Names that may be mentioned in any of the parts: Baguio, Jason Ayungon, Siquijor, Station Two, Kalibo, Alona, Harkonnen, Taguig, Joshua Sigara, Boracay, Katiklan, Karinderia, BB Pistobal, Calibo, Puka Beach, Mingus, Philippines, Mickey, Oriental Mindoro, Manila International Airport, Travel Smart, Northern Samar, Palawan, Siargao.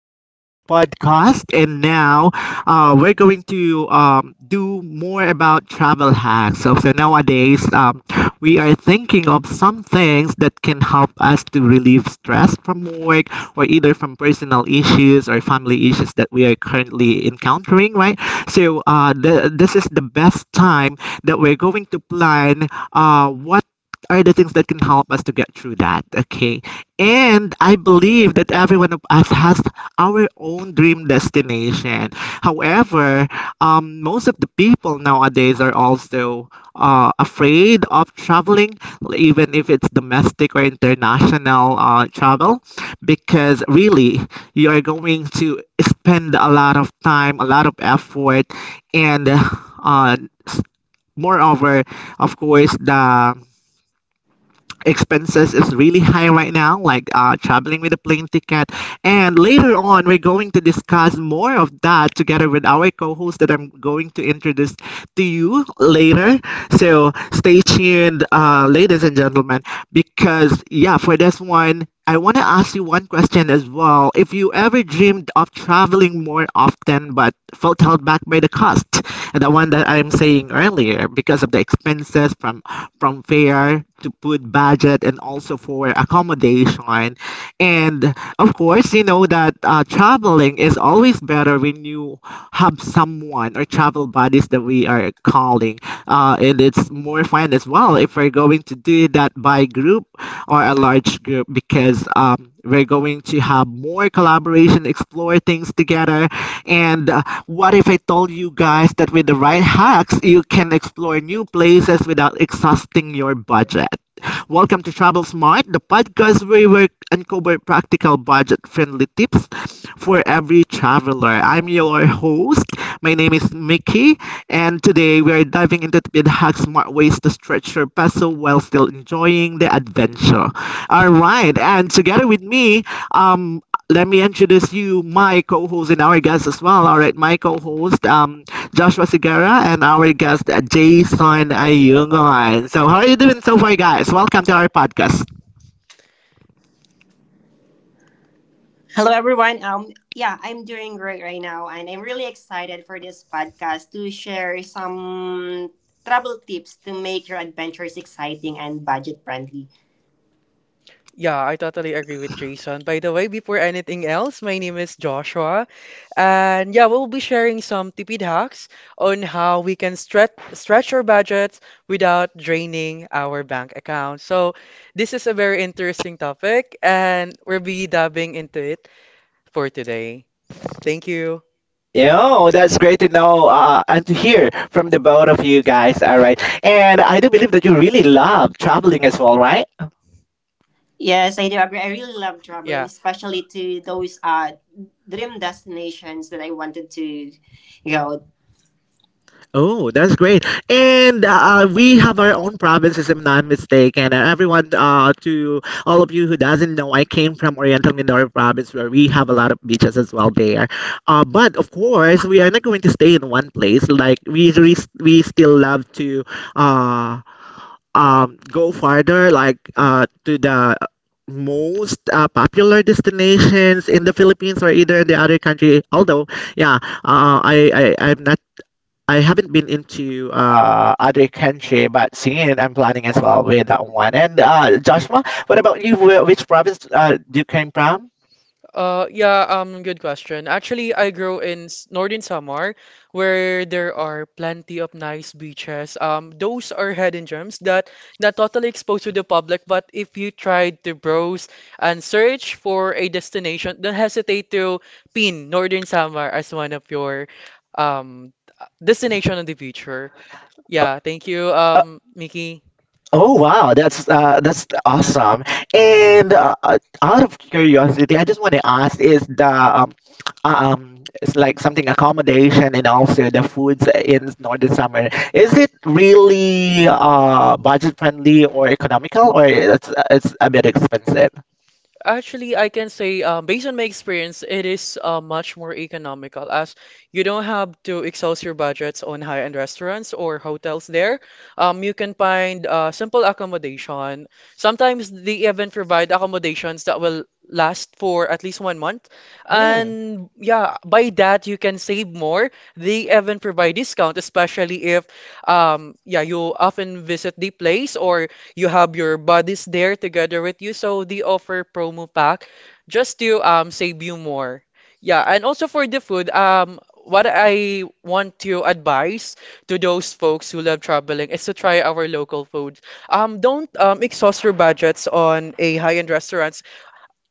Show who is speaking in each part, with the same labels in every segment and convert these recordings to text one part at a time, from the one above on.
Speaker 1: to our daily podcast. And now we're going to do more about travel hacks. So nowadays, we are thinking of some things that can help us to relieve stress from work or either from personal issues or family issues that we are currently encountering, right? So, this is the best time that we're going to plan what are the things that can help us to get through that, okay, and I believe that everyone of us has our own dream destination. However, most of the people nowadays are also afraid of traveling, even if it's domestic or international travel, because really you are going to spend a lot of time, a lot of effort, and uh, s- moreover, of course, the expenses is really high right now, like traveling with a plane ticket. And later on, we're going to discuss more of that together with our co host that I'm going to introduce to you later. So stay tuned, ladies and gentlemen, because, yeah, for this one, I want to ask you one question as well. If you ever dreamed of traveling more often but felt held back by the cost, the one that I'm saying earlier, because of the expenses from fare to food budget and also for accommodation. And of course, you know that traveling is always better when you have someone or travel buddies that we are calling. And it's more fun as well if we're going to do that by group or a large group because we're going to have more collaboration, explore things together, and what if I told you guys that with the right hacks, you can explore new places without exhausting your budget? Welcome to Travel Smart, the podcast where we uncover practical budget friendly tips for every traveler. I'm your host. My name is Mickey, and today we are diving into the hack smart ways to stretch your peso while still enjoying the adventure. All right, and together with me, um, let me introduce you, my co-host and our guest as well. All right, my co-host, Joshua Sigara, and our guest Jason Ayungon. So, how are you doing so far, guys? Welcome to our podcast.
Speaker 2: Yeah, I totally agree with Jason. By the way, before anything else, my name is Joshua, and yeah, we'll be sharing some tipid hacks on how we can stretch our budgets without draining our bank account. So, this is a very interesting topic, and we'll be diving into it for today. Thank you.
Speaker 1: Yo, that's great to know, and to hear from the both of you guys. All right, and I do believe that you really love traveling as well, right?
Speaker 2: Yeah.
Speaker 1: Oh, that's great. And we have our own provinces, if I'm not mistaken. And everyone, to all of you who doesn't know, I came from Oriental Mindoro province, where we have a lot of beaches as well there. But of course, we are not going to stay in one place. Like we still love to uh, go farther, like to the most popular destinations in the Philippines or either in the other country. Although, yeah, I'm not, I haven't been into other country, but singing I'm planning as well with that one. And Joshua, what about you? Which province you came from?
Speaker 2: Yeah, Good question. Actually, I grow in Northern Samar, where there are plenty of nice beaches. Those are hidden gems that not totally exposed to the public, but if you try to browse and search for a destination, don't hesitate to pin Northern Samar as one of your um destination in the future. Yeah, thank you,
Speaker 1: Uh,
Speaker 2: Mickey.
Speaker 1: oh wow, that's awesome. And out of curiosity, I just want to ask: Is the uh, um it's like something accommodation, and also the foods in northern summer, is it really budget friendly or economical, or it's a bit expensive?
Speaker 2: Actually, I can say, based on my experience, it is much more economical as you don't have to exhaust your budgets on high-end restaurants or hotels there. You can find simple accommodation. Sometimes they even provide accommodations that will last for at least 1 month.
Speaker 1: Hmm.
Speaker 2: And yeah, by that, you can save more. They even provide discount, especially if yeah, you often visit the place or you have your buddies there together with you. So they offer promo pack just to save you more. Yeah, and also for the food, what I want to advise to those folks who love traveling is to try our local foods. Don't exhaust your budgets on a high-end restaurants.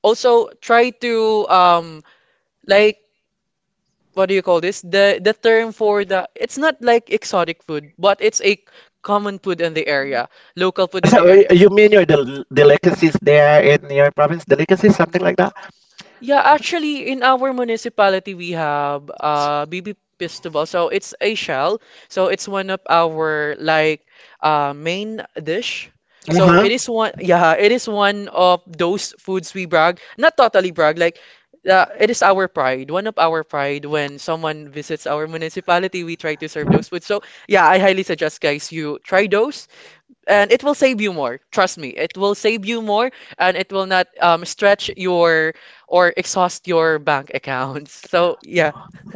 Speaker 2: Also, try to um like what do you call this? The term for the it's not like exotic food, but it's a common food in the area, local food in the
Speaker 1: So
Speaker 2: area.
Speaker 1: you mean your delicacies there in your province, delicacies, something like that?
Speaker 2: Yeah, actually, in our municipality, we have BB Pistobal. So it's a shell. So it's one of our main dish. So
Speaker 1: Uh-huh.
Speaker 2: it is one. Yeah, it is one of those foods we brag. Not totally brag. It is our pride. One of our pride when someone visits our municipality, we try to serve those foods. So yeah, I highly suggest guys you try those and it will save you more. Trust me, it will save you more, and it will not stretch your or exhaust your bank accounts. So yeah,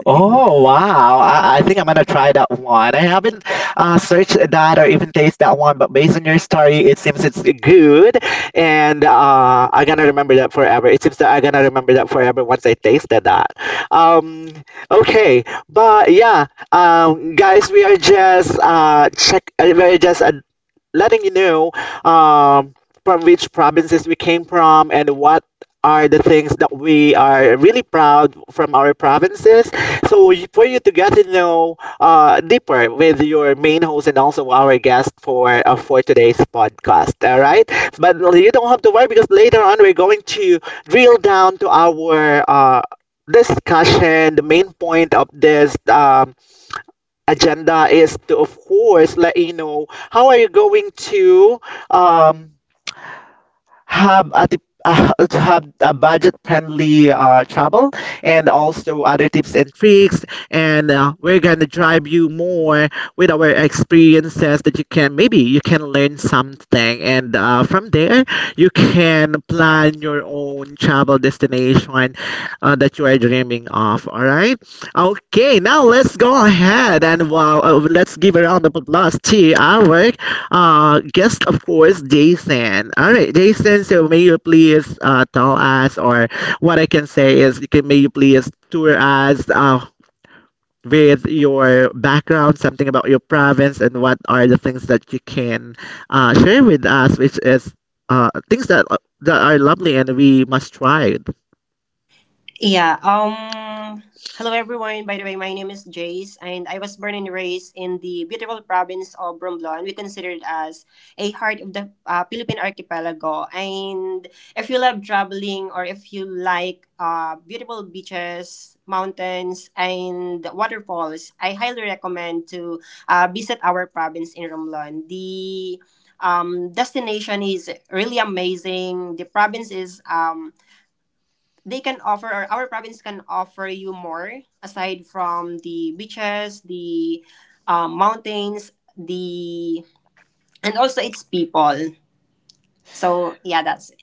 Speaker 1: Oh wow! I think I'm gonna try that one. I haven't searched that or even taste that one, but based on your story, it seems it's good, and I'm gonna remember that forever. It seems that I'm gonna remember that forever once I tasted that. Um, okay, but yeah, guys, we are just check. We're just letting you know um, from which provinces we came from and what are the things that we are really proud from our provinces. So for you to get to know deeper with your main host and also our guest for today's podcast. All right, but you don't have to worry, because later on we're going to drill down to our. Discussion. The main point of this agenda is to, of course, let you know how are you going to um, have a uh, have a budget-friendly travel, and also other tips and tricks. And we're gonna drive you more with our experiences, that you can maybe you can learn something, and from there you can plan your own travel destination that you are dreaming of. All right. Okay. Now let's go ahead and well, let's give a round of applause to our guest, of course, Jason. All right, Jason. So may you please tell us, or what I can say is, you can may you please tour us with your background, something about your province, and what are the things that you can share with us, which is things that are lovely and we must try.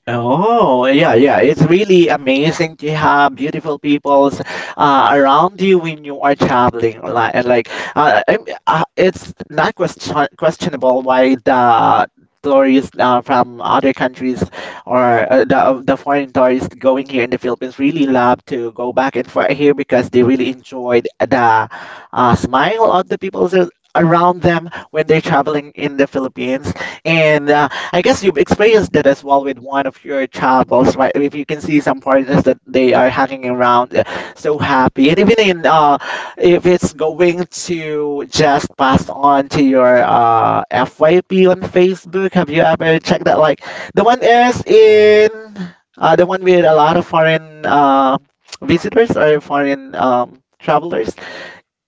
Speaker 1: Oh, yeah, yeah. It's really amazing to have beautiful peoples around you when you are traveling. Like, and like it's not questionable why the tourists from other countries or the foreign tourists going here in the Philippines really love to go back and forth here because they really enjoyed the smile of the people around them when they're traveling in the Philippines. And I guess you've experienced that as well with one of your travels, right? If you can see some partners that they are hanging around, so happy, and even in if it's going to just pass on to your FYP on Facebook, have you ever checked that? Like the one is in the one with a lot of foreign visitors or foreign travelers.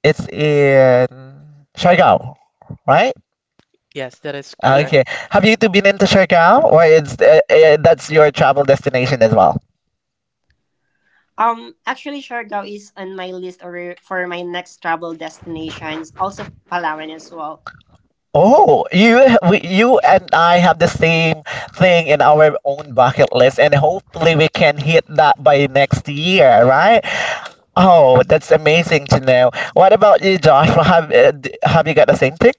Speaker 1: It's in Siargao, right?
Speaker 2: yes, that is correct.
Speaker 1: Okay. Have you two been into Siargao, or is that's your travel destination as well? Oh, you and I have the same thing in our own bucket list, and hopefully we can hit that by next year, right? Oh, that's amazing to know. What about you, Joshua? Have have you got the same thing?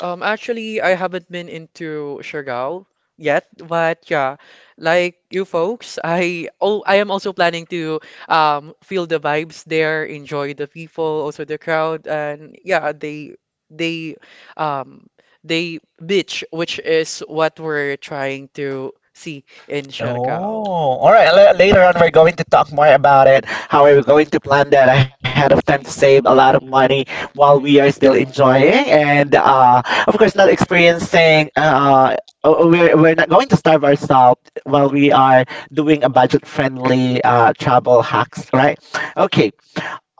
Speaker 2: Actually, I haven't been into Siargao yet, but yeah, like you folks, I am also planning to feel the vibes there, enjoy the people, also the crowd, and yeah, they um they beach, which is what we're trying to see in Siargao.
Speaker 1: Oh, all right. Later on, we're going to talk more about it. How are we going to plan that ahead of time to save a lot of money while we are still enjoying and, of course, not experiencing. We're not going to starve ourselves while we are doing a budget-friendly travel hacks, right? Okay.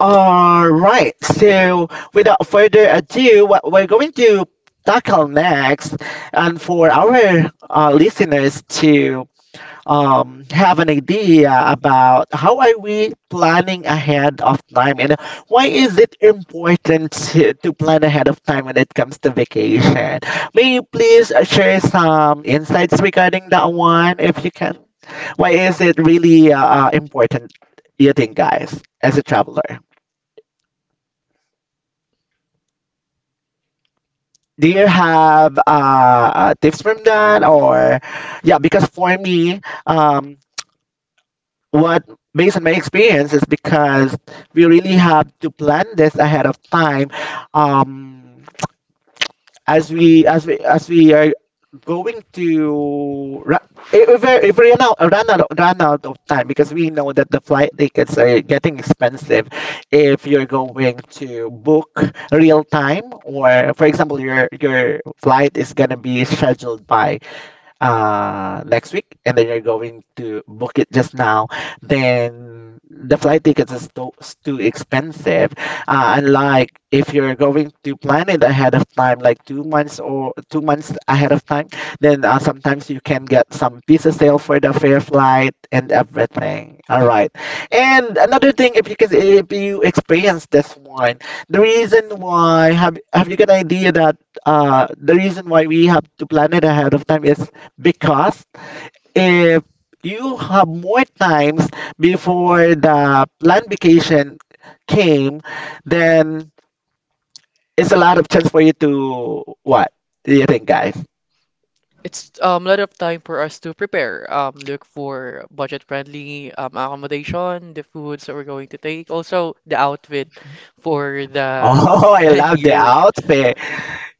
Speaker 1: All right, so without further ado, what we're going to tackle next, and for our listeners to have an idea about how are we planning ahead of time, and why is it important to plan ahead of time when it comes to vacation? May you please share some insights regarding that one if you can? Why is it really important, you think, guys, as a traveler? Do you have tips from that, or yeah, because for me, um, what based on my experience is because we really have to plan this ahead of time, um, as we are going to if we run out of time, because we know that the flight tickets are getting expensive if you're going to book real time, or for example your flight is gonna be scheduled by next week, and then you're going to book it just now, then the flight tickets is is too expensive. Unlike if you're going to plan it ahead of time, like 2 months or 2 months ahead of time, then sometimes you can get some piece of sale for the fair flight and everything. All right. And another thing, if you can, if you experience this one, the reason why have you got an idea that the reason why we have to plan it ahead of time is because if you have more times before the planned vacation came, then it's a lot of chance for you to what? Do you think, guys?
Speaker 2: It's a lot of time for us to prepare, look for budget-friendly accommodation, the foods that we're going to take, also the outfit for the
Speaker 1: Oh, I love the
Speaker 2: venue.
Speaker 1: outfit.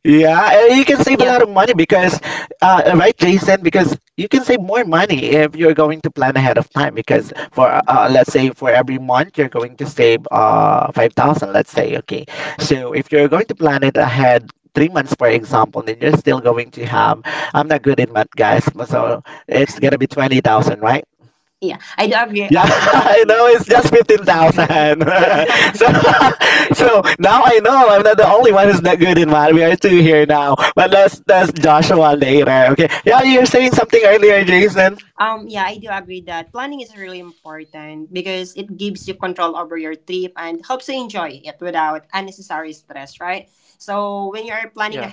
Speaker 1: Yeah, you can save a lot of money because, right, Jason? Because you can save more money if you're going to plan ahead of time. Because for let's say for every month you're going to save 5,000. Let's say okay. So if you're going to plan it ahead 3 months, for example, then you're still going to have. I'm not good in math, guys. So it's gonna be 20,000, right? Yeah, I know it's just 15,000. So so now I know I'm not the only one who's not good in math. We are two here now. But let's Joshua later. Okay. Yeah, you're saying something earlier, Jason.
Speaker 2: Yeah,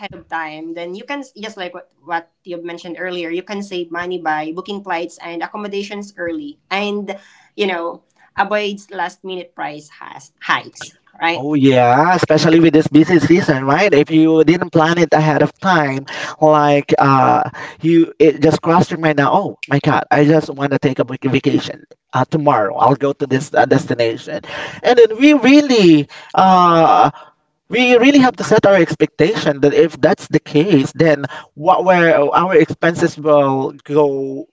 Speaker 1: Oh yeah, especially with this busy season, right? If you didn't plan it ahead of time, like uh you it just crossed your mind now, oh my God, I just want to take a vacation. Tomorrow I'll go to this destination. And then we really uh we really have to set our expectation that if that's the case, then what were our expenses will go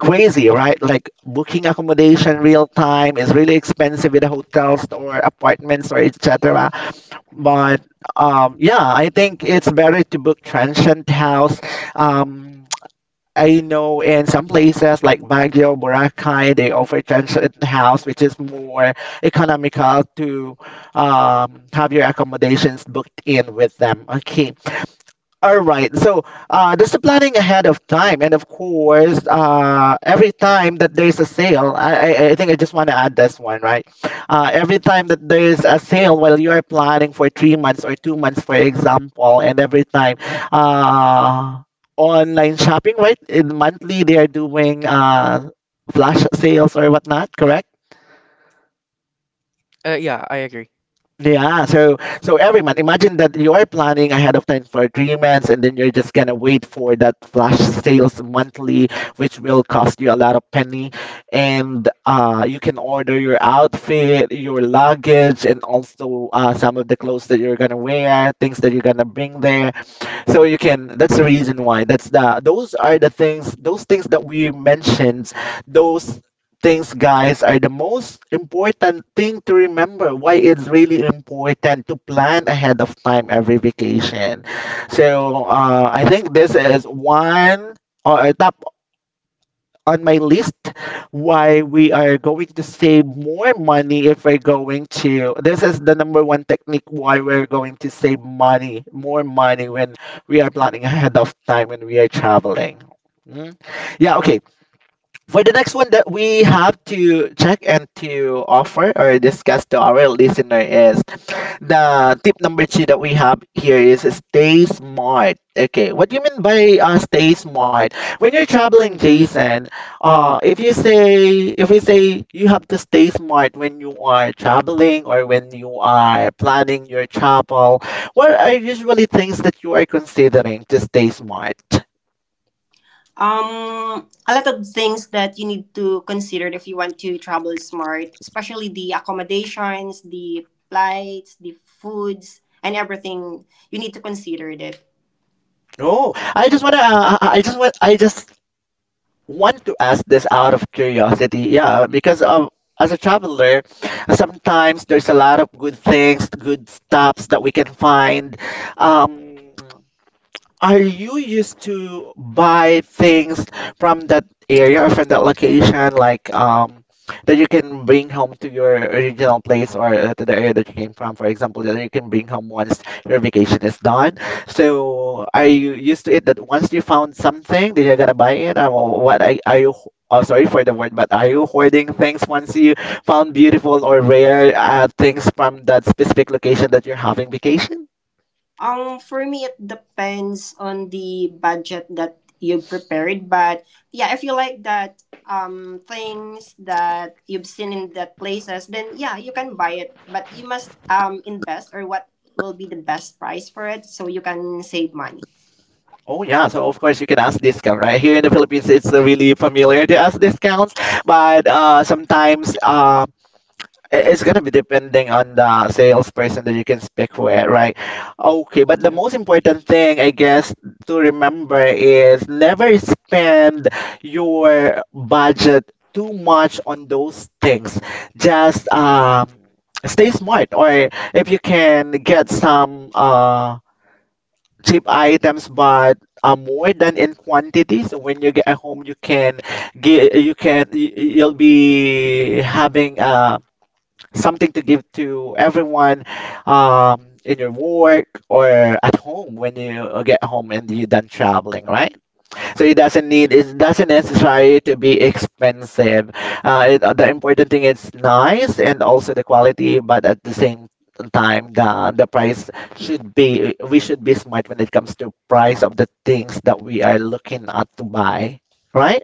Speaker 1: crazy, right? Like booking accommodation real time is really expensive with the hotels or apartments or etc. But yeah, I think it's better to book transient house. Um, I know in some places like Baguio, Boracay, they offer transient house, which is more economical to have your accommodations booked in with them. Okay. All right. So there's the planning ahead of time, and of course, every time that there's a sale, I think I just want to add this one, right? Every time that there's a sale, while you are planning for 3 months or 2 months, for example, and every time uh, online shopping, right? In monthly, they are doing flash sales or whatnot.
Speaker 2: yeah, I agree.
Speaker 1: Yeah, so every month, imagine that you are planning ahead of time for agreements, and then you're just gonna wait for that flash sales monthly, which will cost you a lot of penny. And you can order your outfit, your luggage, and also some of the clothes that you're gonna wear, things that you're gonna bring there so you can that's the reason why that's the those are the things those things that we mentioned those things guys are the most important thing to remember why it's really important to plan ahead of time every vacation. So I think this is one or top on my list why we are going to save more money if we're going to. This is the number one technique why we're going to save money, more money when we are planning ahead of time when we are traveling. Mm. Yeah, okay. For the next one that we have to check and to offer or discuss to our listener is the tip number two that we have here is stay smart. Okay, what do you mean by stay smart? When you're traveling, Jason, if you say if we say you have to stay smart when you are traveling or when you are planning your travel, what are usually things that you are considering to stay smart? Oh, I just want to ask this out of curiosity. Yeah, because of as a traveler, sometimes there's a lot of good things, good stops that we can find. Um, are you used to buy things from that area or from that location, like that you can bring home to your original place or to the area that you came from? For example, that you can bring home once your vacation is done. So, are you used to it that once you found something, then you're gonna buy it? Or what are you? Oh, sorry for the word, but are you hoarding things once you found beautiful or rare things from that specific location that you're having vacation? Oh yeah, so of course you can ask discount, right? Here in the Philippines, it's really familiar to ask discounts, but it's gonna be depending on the salesperson that you can speak with, right? Okay, but the
Speaker 2: Yeah.
Speaker 1: most important thing, I guess, to remember is never spend your budget too much on those things. Just stay smart, or if you can get some cheap items but more than in quantity so when you get home you can get you can y- y- you'll be having something to give to everyone in your work or at home when you get home and you're done traveling, right? So it doesn't need it doesn't necessarily to be expensive. The important thing is nice and also the quality, but at the same time the price should be we should be smart when it comes to price of the things that we are looking at to buy, right?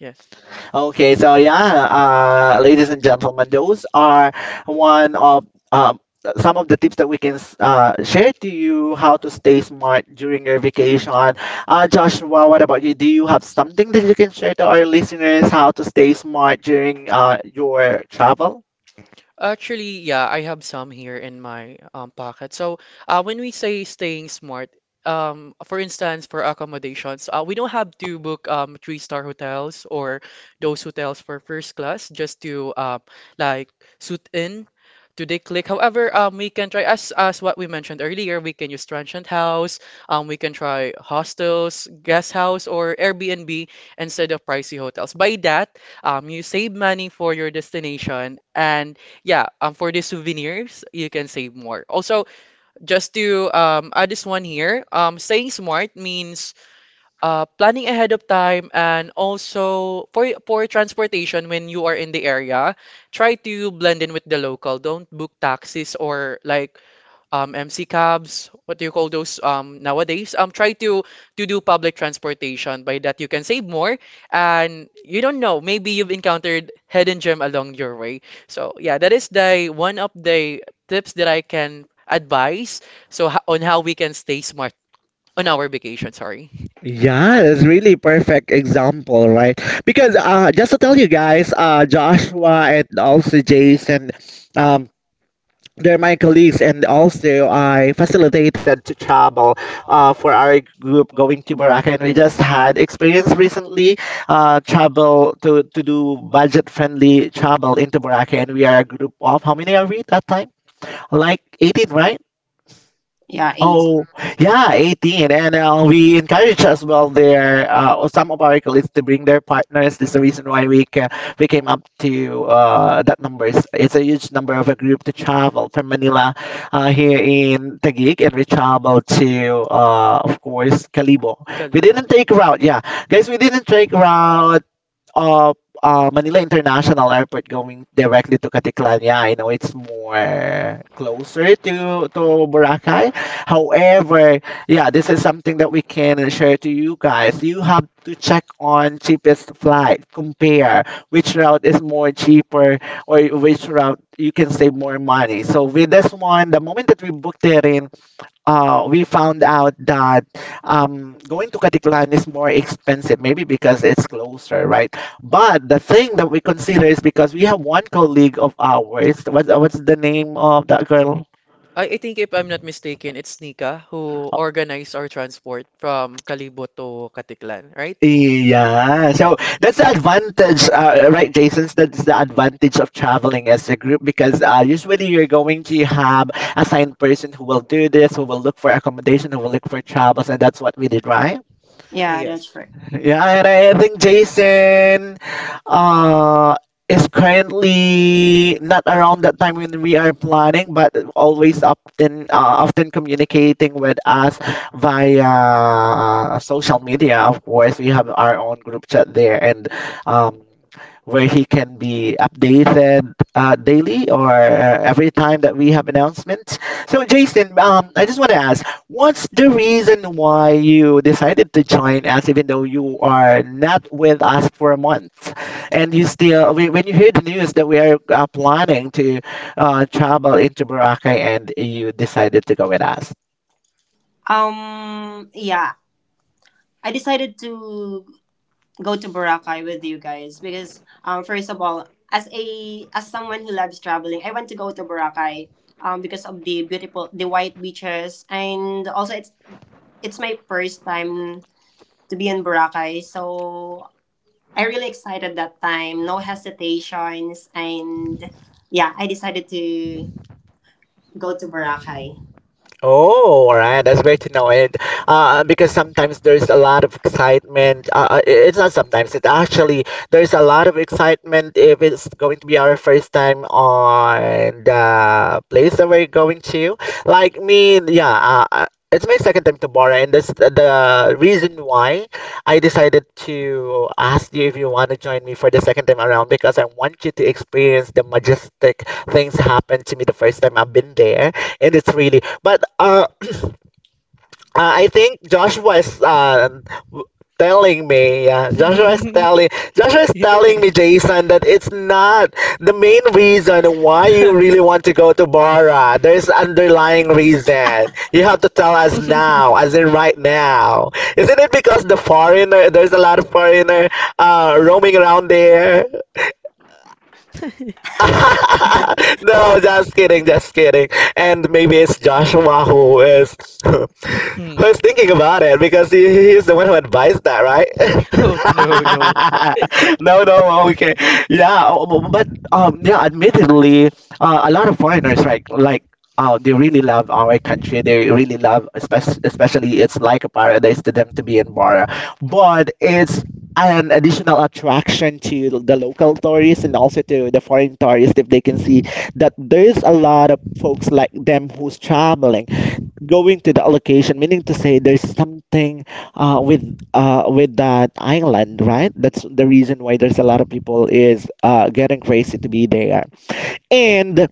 Speaker 2: Yes.
Speaker 1: Okay, so yeah, ladies and gentlemen, those are one of um, some of the tips that we can share to you how to stay smart during your vacation. Joshua, what about you? Do you have something that you can share to our listeners how to stay smart during your travel?
Speaker 2: Actually, yeah, I have some here in my pocket. So, when we say staying smart, for instance, for accommodations, we don't have to book three-star hotels or those hotels for first class just to like suit in to the click. However, we can try as what we mentioned earlier, we can use transient house, we can try hostels, guest house, or Airbnb instead of pricey hotels. By that, you save money for your destination and yeah, for the souvenirs, you can save more. Also, just to add this one here, staying smart means planning ahead of time and also for transportation when you are in the area, try to blend in with the local. Don't book taxis or MC cabs, what do you call those nowadays? Try to do public transportation by that you can save more and you don't know, maybe you've encountered hidden gem along your way. So yeah, that is the one of the tips that I can advise so on how we can stay smart on our vacation, sorry.
Speaker 1: Yeah, it's really perfect example, right? Because just to tell you guys, Joshua and also Jason, they're my colleagues and also I facilitated to travel for our group going to Boracay and we just had experience recently to do budget friendly travel into Boracay, and we are a group of how many are we that time, like 18, right? Oh, yeah, 18. And we encourage as well their some of our colleagues to bring their partners. This is the reason why we came up to that numbers. It's a huge number of a group to travel from Manila here in Taguig, and we traveled to, of course, Calibo. We
Speaker 2: Kalibo.
Speaker 1: didn't take route, yeah. Guys, we didn't take route uh, Manila International Airport going directly to Katiklan. Yeah, I know it's more closer to Boracay. However, yeah, this is something that we can share to you guys. You have to check on cheapest flight, compare which route is more cheaper or which route you can save more money. So with this one, the moment that we booked it in, we found out that going to Katiklan is more expensive, maybe because it's closer, right? But the thing that we consider is because we have one colleague of ours. What's the name of that girl?
Speaker 2: I think if I'm not mistaken, it's Nika who organized our transport from Kalibo to Katiklan, right?
Speaker 1: Yeah, so that's the advantage, right, Jason? That's the advantage of traveling as a group because usually you're going to have assigned person who will do this, who will look for accommodation, who will look for travels, and that's what we did, right?
Speaker 2: Yes.
Speaker 1: Yeah, and I think Jason uh is currently not around that time when we are planning, but always often communicating with us via social media. Of course, we have our own group chat there, and um, where he can be updated daily or every time that we have announcements. So, Jason, I just want to ask. What's the reason why you decided to join us, even though you are not with us for a month? And you still, when you hear the news that we are planning to travel into Boracay, and you decided to go with us. Oh, all right. That's great to know. And because sometimes there's a lot of excitement. It's not sometimes. It actually there's a lot of excitement if it's going to be our first time on the place that we're going to. Like me, yeah. It's my second time to Bora, and that's the reason why I decided to ask you if you want to join me for the second time around because I want you to experience the majestic things happen to me the first time I've been there. And it's really, but I think Joshua is w- telling me, yeah, Joshua is telling me, Jason, that it's not the main reason why you really want to go to Bara. There's underlying reason. You have to tell us now, as in right now. Isn't it because the foreigner? There's a lot of foreigner roaming around there. No, just kidding, just kidding. And maybe it's Joshua who is who
Speaker 2: Hmm.
Speaker 1: is thinking about it because he's the one who advised that, right?
Speaker 2: Right? Oh, no, no.
Speaker 1: No, no, okay. Yeah, oh, but yeah, admittedly, a lot of foreigners, right, like they really love our country. They really love, especially, especially it's like a paradise to them to be in Bora. But it's an additional attraction to the local tourists and also to the foreign tourists if they can see that there's a lot of folks like them who's traveling going to the location, meaning to say there's something with that island, right? That's the reason why there's a lot of people is getting crazy to be there. And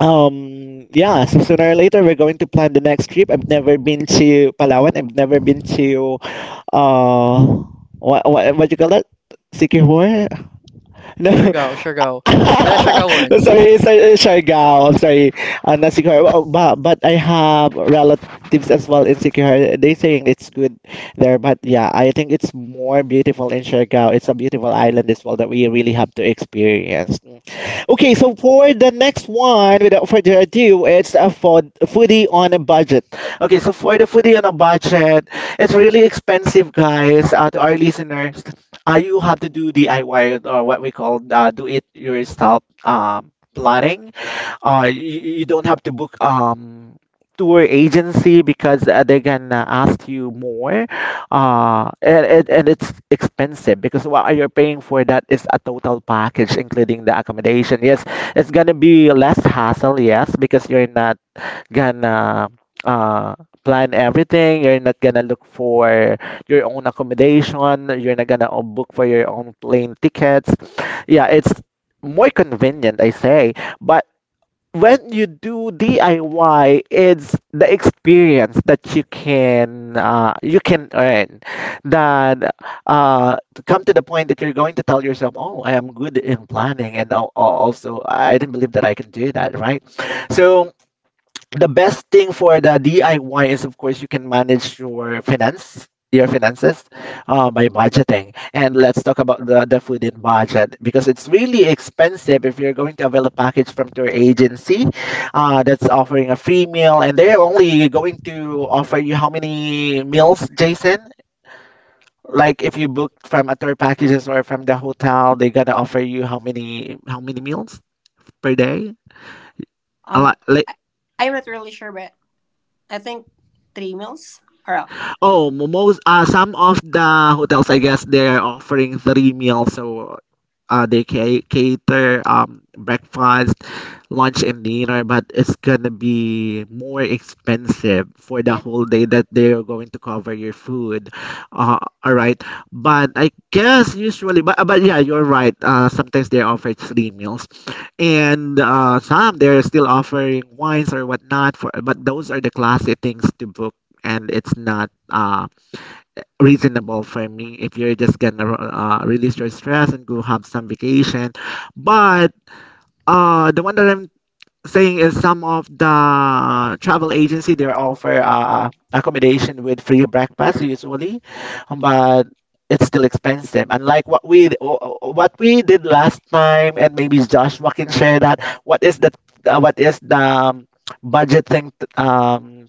Speaker 1: yeah, so sooner or later we're going to plan the next trip. I've never been to Palawan. I've never been to uh what you call it? Sikihor? No.
Speaker 2: Siargao, Siargao. The Siargao one.
Speaker 1: Siargao. I'm sorry. I'm not secure. Oh, but I have relatives as well in Siquijor. They saying it's good there. But yeah, I think it's more beautiful in Siargao. It's a beautiful island as well that we really have to experience. Mm. Okay, so for the next one, without further ado, it's a foodie on a budget. Okay, so for the foodie on a budget, it's really expensive, guys, to our listeners. You have to do DIY or what we call do it yourself planning. You don't have to book tour agency because they can ask you more, and it's expensive because what you're paying for that is a total package including the accommodation. Yes, it's gonna be less hassle, yes, because you're not gonna uh, plan everything. You're not gonna look for your own accommodation. You're not gonna book for your own plane tickets. Yeah, it's more convenient, I say. But when you do DIY, it's the experience that you can earn. That To come to the point that you're going to tell yourself, "Oh, I am good in planning," and also I didn't believe that I can do that, right? So the best thing for the DIY is, of course, you can manage your your finances, by budgeting. And let's talk about the food in budget because it's really expensive if you're going to avail a package from your agency, that's offering a free meal, and they're only going to offer you how many meals, Jason? Like if you book from a tour packages or from the hotel, they're gonna offer you how many meals per day? A lot, like. Oh, most some of the hotels, I guess, they are offering three meals, so cater breakfast, lunch and dinner, but it's gonna be more expensive for the whole day that they are going to cover your food. All right, but I guess usually, but yeah, you're right. Sometimes they offer three meals, and some they're still offering wines or whatnot for. But those are the classy things to book, and it's not reasonable for me if you're just gonna release your stress and go have some vacation. But the one that I'm thing is some of the travel agency they offer accommodation with free breakfast usually but it's still expensive unlike what we did last time and maybe Joshua can share that, what is the budgeting um,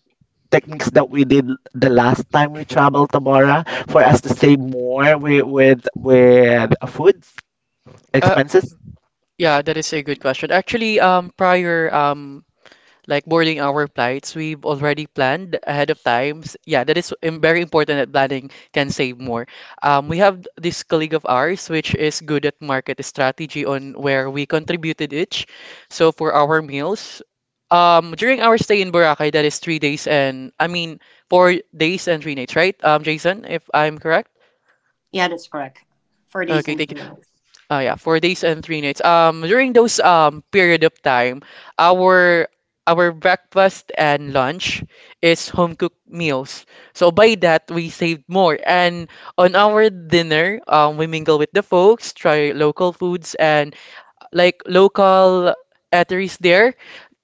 Speaker 1: techniques that we did the last time we traveled to Bora for us to save more with with food
Speaker 2: Uh,
Speaker 1: expenses.
Speaker 2: yeah, that is a good question. Actually, prior like boarding our flights, we've already planned ahead of times. Yeah, that is very important that planning can save more. We have this colleague of ours, which is good at market strategy on where we contributed each. So for our meals, during our stay in Boracay, that is three days and I mean 4 days and 3 nights, right? Jason, if I'm correct. Okay, thank you. Yeah, 4 days and 3 nights. During those period of time, our our breakfast and lunch is home cooked meals. So by that we saved more. And on our dinner, we mingle with the folks, try local foods, and like local eateries there,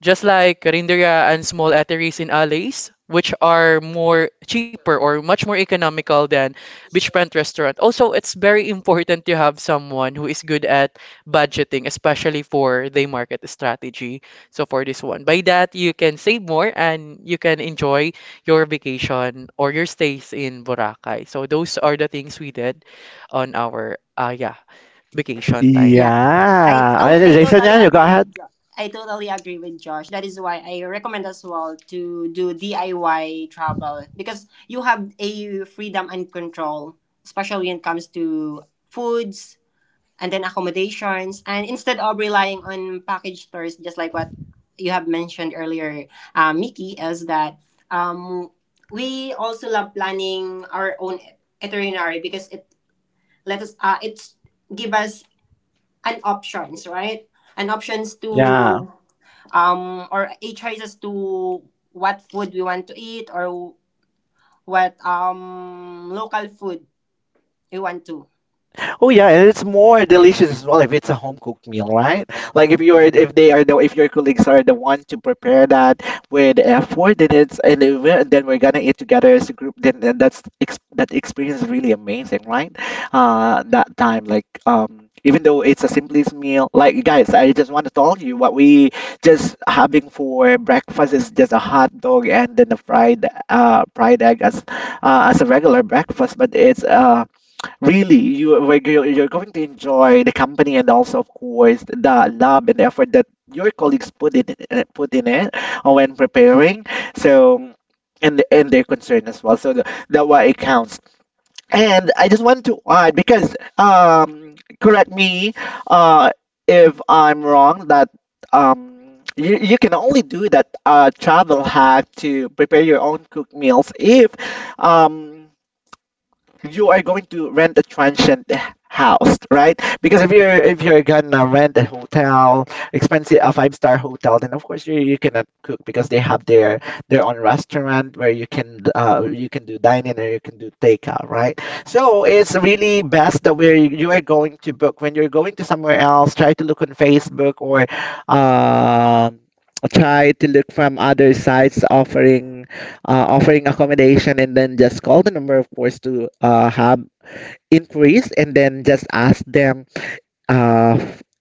Speaker 2: just like Karinderia and small eateries in alleys, which are more cheaper or much more economical than beachfront restaurant. Also, it's very important to have someone who is good at budgeting, especially for the market strategy. So for this one, by that you can save more and you can enjoy your vacation or your stays in Boracay. So those are the things we did on our yeah, vacation time.
Speaker 1: Yeah. Jason, yeah, you go. Yeah. Oh yeah, and it's more delicious as well if it's a home cooked meal, right? Like if you're if they are the if your colleagues are the one to prepare that with effort, then it's and then we're gonna eat together as a group. Then that's ex that experience is really amazing, right? That time, like even though it's a simplest meal, like guys, I just want to tell you what we just having for breakfast is just a hot dog and then a fried egg as a regular breakfast, but it's really, you where you're going to enjoy the company and also, of course, the love and effort that your colleagues put in it when preparing. So, and their concern as well. So the, that why it counts. And I just want to add because correct me uh, if I'm wrong that um. You can only do that travel hack to prepare your own cooked meals if um, you are going to rent a transient house, right? Because if you're gonna rent a hotel, expensive a five-star hotel, then of course you cannot cook because they have their own restaurant where you can do dining or you can do takeout, right? So it's really best that where you are going to book when you're going to somewhere else, try to look on Facebook or um try to look from other sites offering offering accommodation and then just call the number of course to have inquiries and then just ask them uh,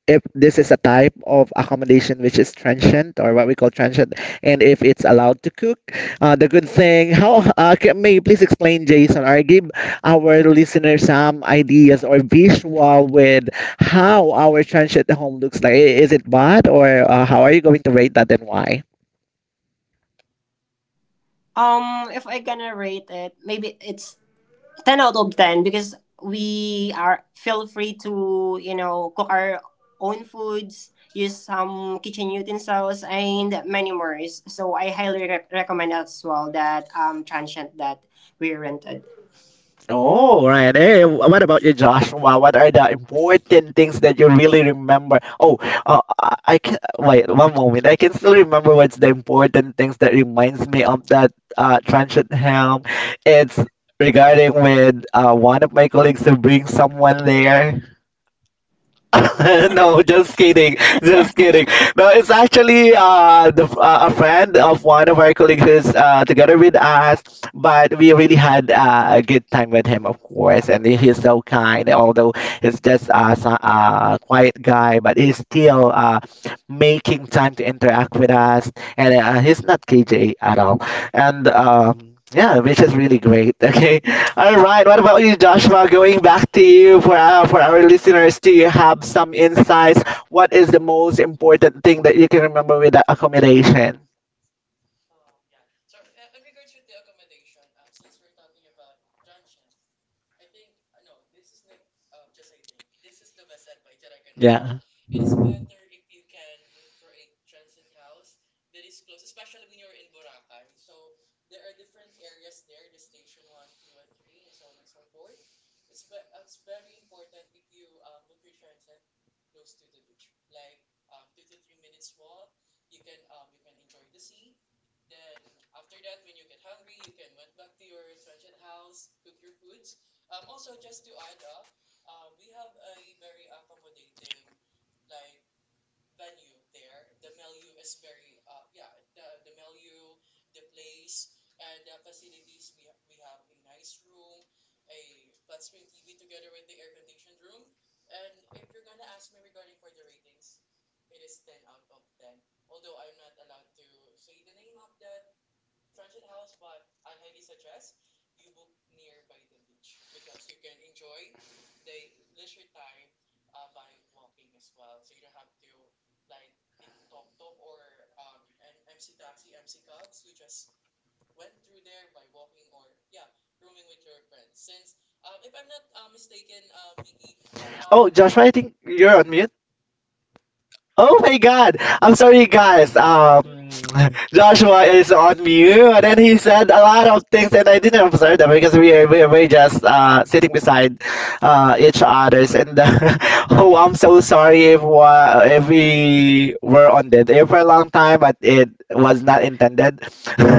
Speaker 1: if this is a type of accommodation which is transient or what we call transient and if it's allowed to cook. The good thing how can, may you please explain Jason or give our listeners some ideas or visual with how our transient home looks like. Is it bad or how are you going to rate that and why? Oh, right. Hey, what about you, Joshua? What are the important things that you really remember? Oh, I can wait one moment. I can still remember what's the important things that reminds me of that transit helm. It's regarding with one of my colleagues to bring someone there. No, just kidding, just kidding. No, it's actually a friend of one of our colleagues who's together with us, but we really had a good time with him, of course, and he's so kind. Although he's just a quiet guy, but he's still making time to interact with us, and he's not KJ at all, and yeah, which is really great. Okay, all right. What about you, Joshua? Going back to you for our listeners, do you have some insights? What is the most important thing that you can remember with the accommodation? Yeah. Oh, Joshua, I think you're on mute. Oh my God! I'm sorry, guys. Joshua is on mute, and he said a lot of things, and I didn't observe them because we're just sitting beside each others. And oh, I'm so sorry if if we were on that air for a long time, but it was not intended.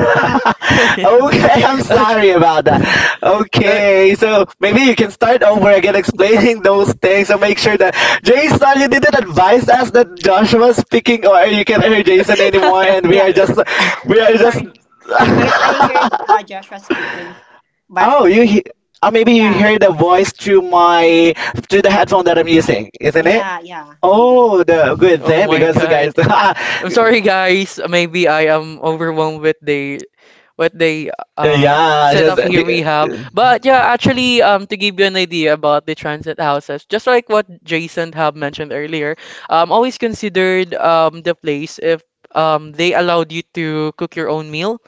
Speaker 2: Okay.
Speaker 1: Okay, I'm
Speaker 2: Okay.
Speaker 1: sorry about that. Okay, so maybe you can start over again explaining those things. So make sure that Jason, you didn't advise us that Joshua speaking, or you can't hear Jason anymore,
Speaker 2: Uh,
Speaker 1: and we are we are just. Oh, maybe you hear the voice through my through the headphone that I'm using, isn't it? Oh, the good
Speaker 2: Oh
Speaker 1: thing
Speaker 2: my
Speaker 1: because
Speaker 2: god.
Speaker 1: guys,
Speaker 2: I'm sorry, guys. Maybe I am overwhelmed with the what they uh
Speaker 1: yeah,
Speaker 2: set up here we have.
Speaker 1: uh,
Speaker 2: But yeah, actually, to give you an idea about the transit houses, just like what Jason have mentioned earlier, always considered the place if they allowed you to cook your own meal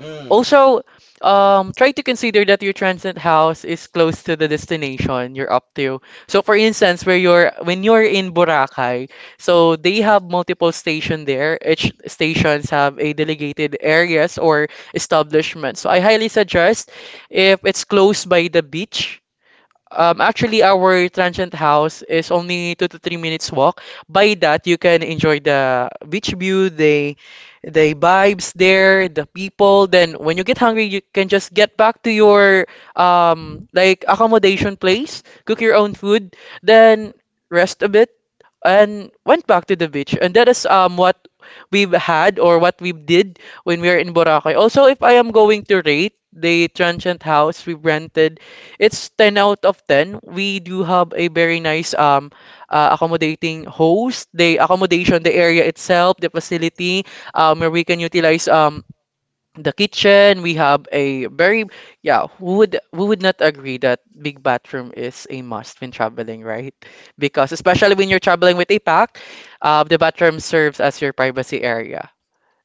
Speaker 1: mm.
Speaker 2: also, try to consider that your transient house is close to the destination you're up to. So, for instance, where you're when you're in Boracay, so they have multiple station there. Each stations have a delegated areas or establishment. So, I highly suggest if it's close by the beach actually, our transient house is only 2 to 3 minutes walk. By that, you can enjoy the beach view, the vibes there, the people. Then, when you get hungry, you can just get back to your accommodation place, cook your own food, then rest a bit and went back to the beach. And that is what we've had or what we did when we are in Boracay. Also, if I am going to rate the transient house we rented, it's 10 out of 10. We do have a very nice accommodating host, the accommodation, the area itself, the facility where we can utilize the kitchen. We have a very yeah, who would not agree that big bathroom is a must when traveling, right? Because especially when you're traveling with a pack, the bathroom serves as your privacy area.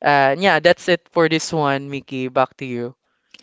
Speaker 2: And yeah, that's it for this one, Mickey, back to you.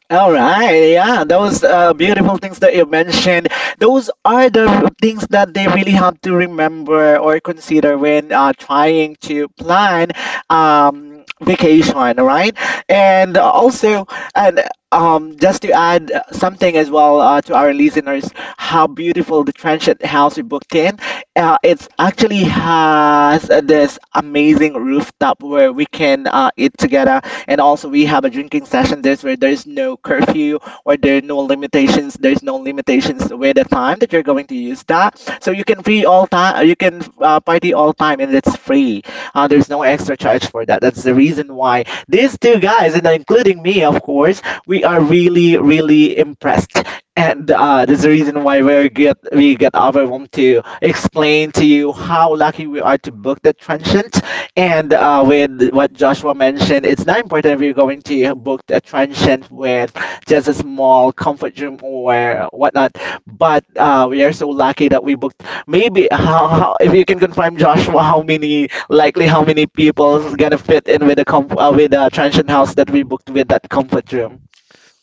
Speaker 1: All right, yeah, those beautiful things that you mentioned, those are the things that they really have to remember or consider when trying to plan vacation, right? And also, and just to add something as well to our listeners, how beautiful the transient house we booked in. It's actually has this amazing rooftop where we can eat together and also, we have a drinking session. There's where there's no curfew or there are no limitations. There's no limitations with the time that you're going to use that. So you can free all time. You can party all time, and it's free. There's no extra charge for that. That's the reason why these two guys, and including me, of course, we are really, really impressed. And that's the reason why we get overwhelmed to explain to you how lucky we are to book that transient, and with what Joshua mentioned, it's not important if you're going to book a transient with just a small comfort room or whatnot. But we are so lucky that we booked maybe how if you can confirm Joshua how many likely how many people is gonna fit in with the with the transient house that we booked with that comfort room.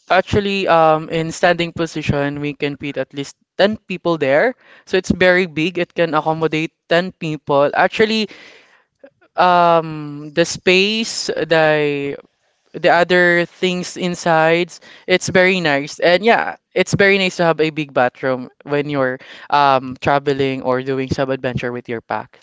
Speaker 2: Actually, in standing position we can fit at least 10 people there, so it's very big. It can accommodate 10 people actually. Um, the space, the other things inside. It's very nice. And yeah, it's very nice to have a big bathroom when you're traveling or doing some adventure with your pack.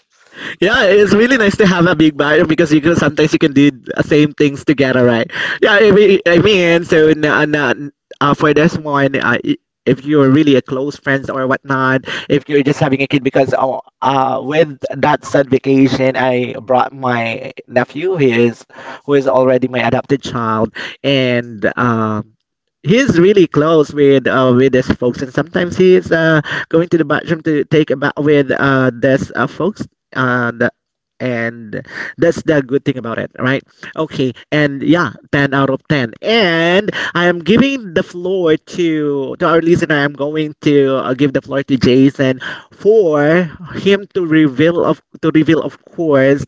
Speaker 1: Yeah, it's really nice to have a big barrier because you can sometimes you can do the same things together, right? Yeah, I mean so for this one, if you're really a close friends or whatnot, if you're just having a kid, because with that said vacation, I brought my nephew, he is who is already my adopted child, and he's really close with his folks, and sometimes he's going to the bathroom to take a bath with this folks and and that's the good thing about it, right? Okay, and yeah, 10 out of 10. And I am giving the floor to our listener. I'm going to give the floor to Jason for him to reveal of to reveal, of course,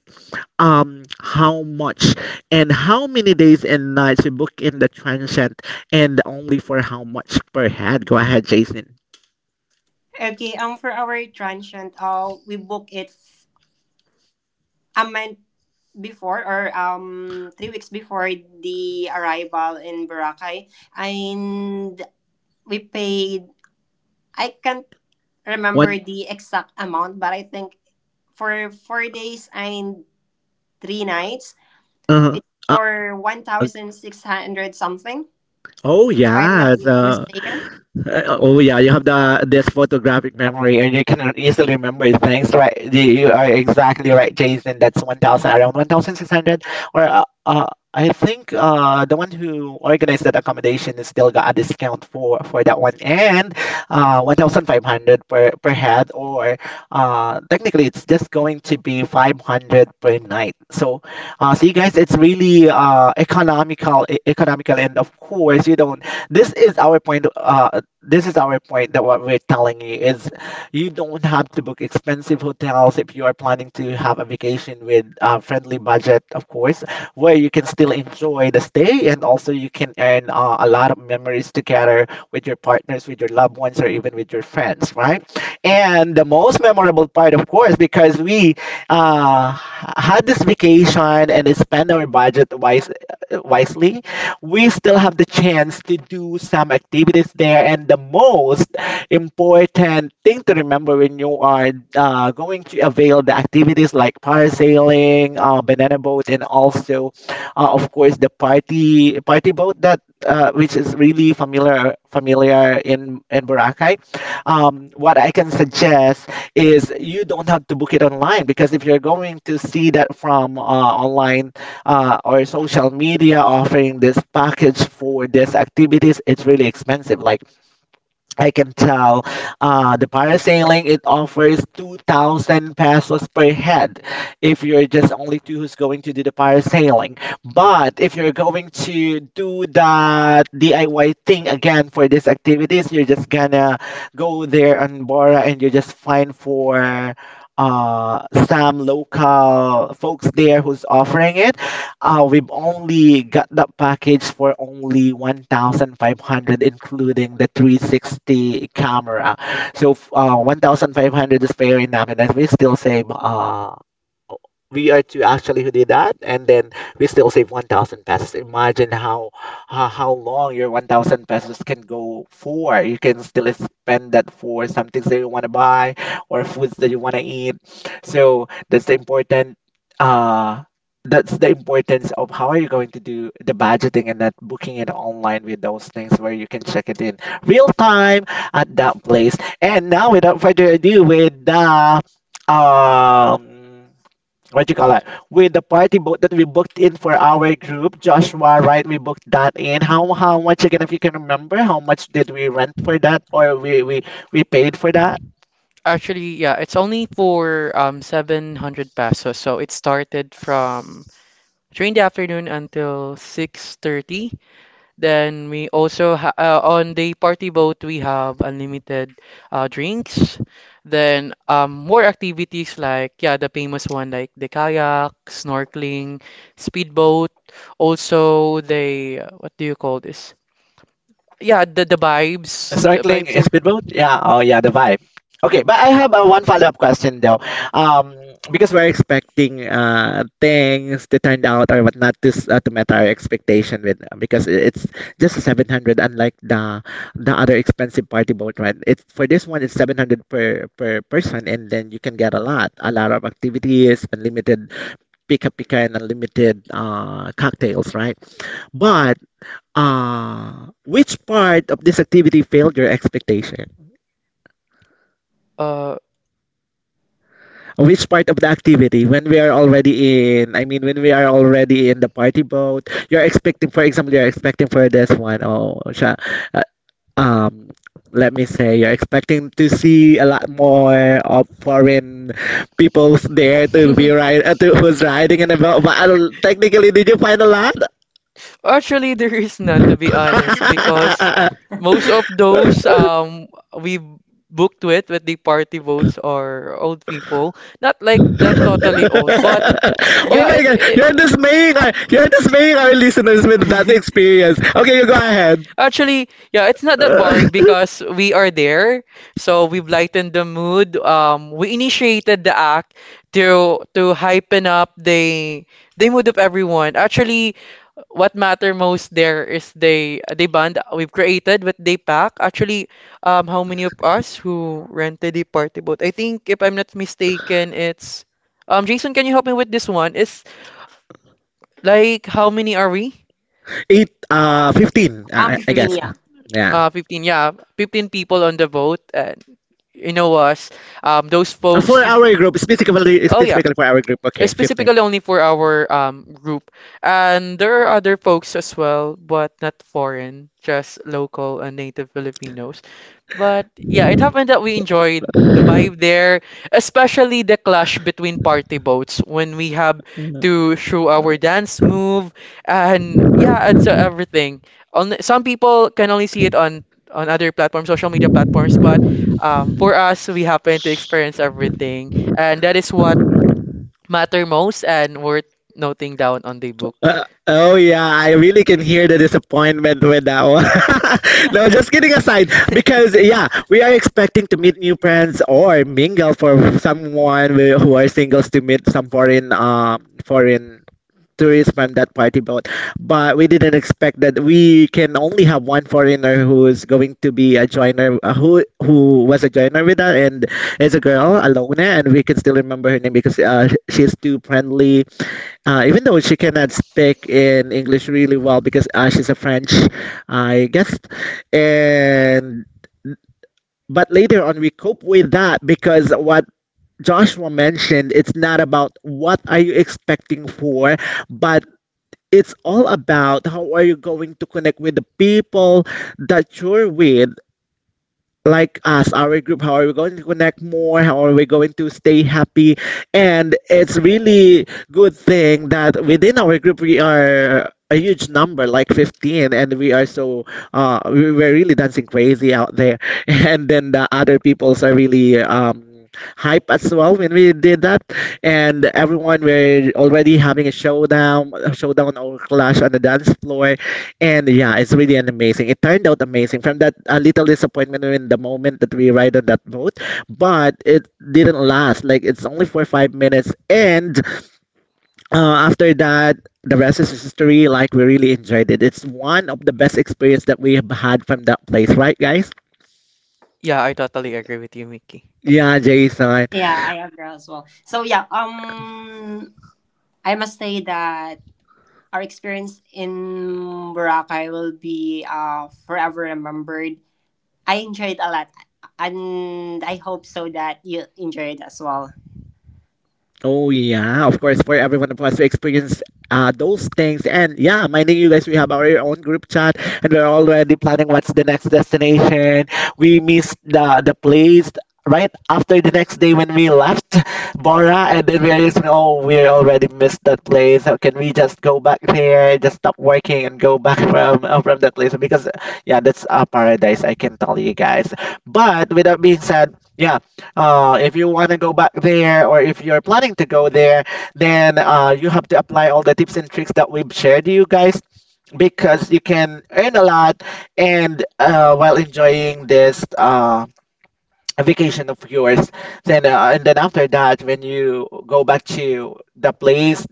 Speaker 1: how much and how many days and nights you book in the transient and only for how much per head. Go ahead, Jason. One uh, uh Oh yeah, so uh, oh yeah, you have the this photographic memory, and you can easily remember things. Right, you are exactly right, Jason. That's 1,000, around 1,600, or uh, I think the one who organized that accommodation is still got a discount for that one, and 1,500 per head, or technically it's just going to be 500 per night. So see, guys, it's really economical, economical, and of course, you don't. This is our point. This is our point, that what we're telling you is, you don't have to book expensive hotels if you are planning to have a vacation with a friendly budget, of course, where you can still enjoy the stay and also you can earn a lot of memories together with your partners, with your loved ones, or even with your friends, right? And the most memorable part, of course, because we uh, had this vacation and spend our wisely, we still have the chance to do some activities there. And the most important thing to remember when you are going to avail the activities like parasailing, banana boat, and also, of course, the party boat. That. Uh, which is really familiar in Boracay. What I can suggest is you don't have to book it online, because if you're going to see that from online or social media offering this package for these activities, it's really expensive. Like I can tell, the parasailing, it offers 2,000 pesos per head if you're just only two who's going to do the parasailing. But if you're going to do that DIY thing again for these activities, you're just gonna go there on Bora and you just find for uh, some local folks there who's offering it. We've only got that package for only 1,500, including the 360 camera. So 1,500 is fair enough, and then we still save we are two actually who did that, and then we still save 1,000 pesos. Imagine how long your 1,000 pesos can go for. You can still spend that for some things that you want to buy or foods that you want to eat. So that's the important. Uh, that's the importance of how are you going to do the budgeting and not booking it online with those things, where you can check it in real time at that place. And now, without further ado, with the um, what do you call that, with the party boat that we booked in for our group, Joshua, right? We booked that in, how much again, if you can remember? How much did we rent for that, or we paid for that?
Speaker 2: Actually, yeah, it's only for 700 pesos. So it started from 3 in the afternoon until 6:30. Then we also ha on the party boat we have unlimited drinks. Then more activities like yeah the famous one, like the kayak, snorkeling, speedboat. Also they what do you call this? Yeah, the vibes, the
Speaker 1: Snorkeling
Speaker 2: vibes
Speaker 1: in
Speaker 2: here.
Speaker 1: speedboat? Yeah. Oh, yeah. The vibe. Okay, but I have one follow-up question though. Because we're expecting things to turn out or whatnot to to meet our expectation with because it's just 700, unlike the other expensive party boat, right? It's for this one, it's 700 per person, and then you can get a lot of activities, unlimited pika pika and unlimited cocktails, right? But which part of this activity failed your expectation?
Speaker 2: Uh,
Speaker 1: Which part of the activity, when we are already in, I mean, when we are already in the party boat, you're expecting, for example, you're expecting for this one, oh, siya, uh, um, let me say, you're expecting to see a lot more of foreign peoples there to be right, who's riding in a boat, but I don't, technically, did you find a lot?
Speaker 2: Actually, there is none to be honest because most of those we booked with the party votes are old people. Not like that totally
Speaker 1: Oh
Speaker 2: old, but
Speaker 1: my
Speaker 2: yeah, it.
Speaker 1: god,
Speaker 2: it
Speaker 1: you're dismaying our listeners with that experience. Okay, you go ahead.
Speaker 2: Actually, yeah, it's not that
Speaker 1: Uh,
Speaker 2: boring because we are there, so we've lightened the mood. We initiated the act to hypen up the mood of everyone. Actually, what matter most there is they bond we've created with they pack actually. How many of us who rented the party boat? I think if I'm not mistaken it's Jason, can you help me with this one? It's like how many are we?
Speaker 1: Eight, 15, I
Speaker 2: Fif-
Speaker 1: guess. Yeah.
Speaker 2: 15, yeah, 15 people on the boat. And you know us, those
Speaker 1: For
Speaker 2: folks.
Speaker 1: our group,
Speaker 2: Oh yeah,
Speaker 1: specifically for our group. Okay, 15.
Speaker 2: specifically only for our group, and there are other folks as well, but not foreign, just local and native Filipinos. But yeah, it happened that we enjoyed the vibe there, especially the clash between party boats when we have to show our dance move and yeah, and so everything. On some people can only see it on other platforms, social media platforms, but for us, we happen to experience everything, and that is what matter most and worth noting down on the book.
Speaker 1: Oh yeah, I really can hear the disappointment with that one. No, just kidding aside, because yeah, we are expecting to meet new friends or mingle for someone who are singles, to meet some foreign foreign tourists from that party boat. But we didn't expect that we can only have one foreigner who is going to be a joiner, who was a joiner with us, and is a girl, Alona, and we can still remember her name because she's too friendly, even though she cannot speak in English really well, because she's a French, I guess. And but later on, we cope with that because what Joshua mentioned, it's not about what are you expecting for, but it's all about how are you going to connect with the people that you're with, like us, our group. How are we going to connect more? How are we going to stay happy? And it's really good thing that within our group, we are a huge number, like 15, and we are so we were really dancing crazy out there. And then the other peoples are really hype as well when we did that, and everyone were already having a showdown or clash on the dance floor. And yeah, it's really an amazing. It turned out amazing, from that little disappointment in the moment that we ride on that boat, but it didn't last. Like, it's only for 5 minutes, and after that, the rest is history. Like, we really enjoyed it. It's one of the best experience that we have had from that place, right, guys?
Speaker 2: Yeah, I totally agree with you, Mickey.
Speaker 1: Yeah, Jason. Oh yeah, of course, for everyone of us to experience those things. And yeah, minding you guys, we have our own group chat, and we're already planning what's the next destination. We missed the place right after the next day when we left Bora, and then we're just, oh, we already missed that place. So can we just go back there, just stop working, and go back from that place? Because yeah, that's a paradise, I can tell you guys. But with that being said. Yeah, if you want to go back there, or if you're planning to go there, then you have to apply all the tips and tricks that we've shared to you guys, because you can earn a lot, and while enjoying this vacation of yours. Then and then after that, when you go back to the place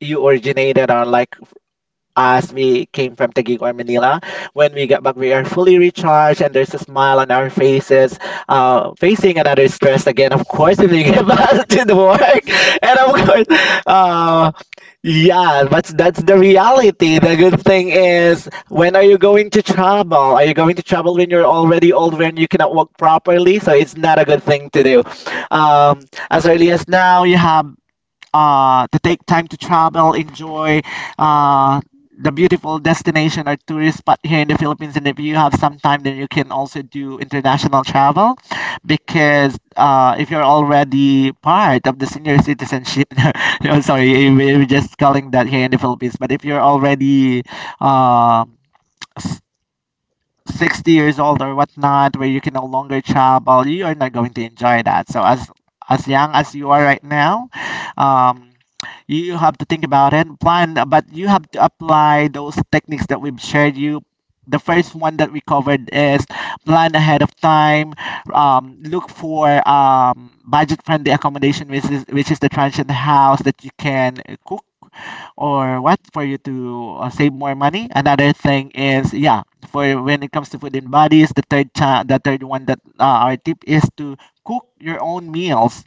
Speaker 1: you originated, or like, as we came from Taguig or Manila. When we get back, we are fully recharged and there's a smile on our faces, facing another stress again, of course, if we get back to the work. And of course, uh, yeah, but that's the reality. The good thing is, when are you going to travel? Are you going to travel when you're already old, when you cannot walk properly? So it's not a good thing to do. Um, as early as now, you have to take time to travel, enjoy uh, the beautiful destination or tourist spot here in the Philippines. And if you have some time, then you can also do international travel, because if you're already part of the senior citizenship, no, sorry, we're just calling that here in the Philippines. But if you're already uh, 60 years old or whatnot, where you can no longer travel, you are not going to enjoy that. So as young as you are right now, um, you have to think about it, plan, but you have to apply those techniques that we've shared you. The first one that we covered is plan ahead of time. Look for budget friendly accommodation, which is the transient house that you can cook or what, for you to save more money. Another thing is, yeah, for when it comes to food and bodies, the the third one that our tip is to cook your own meals.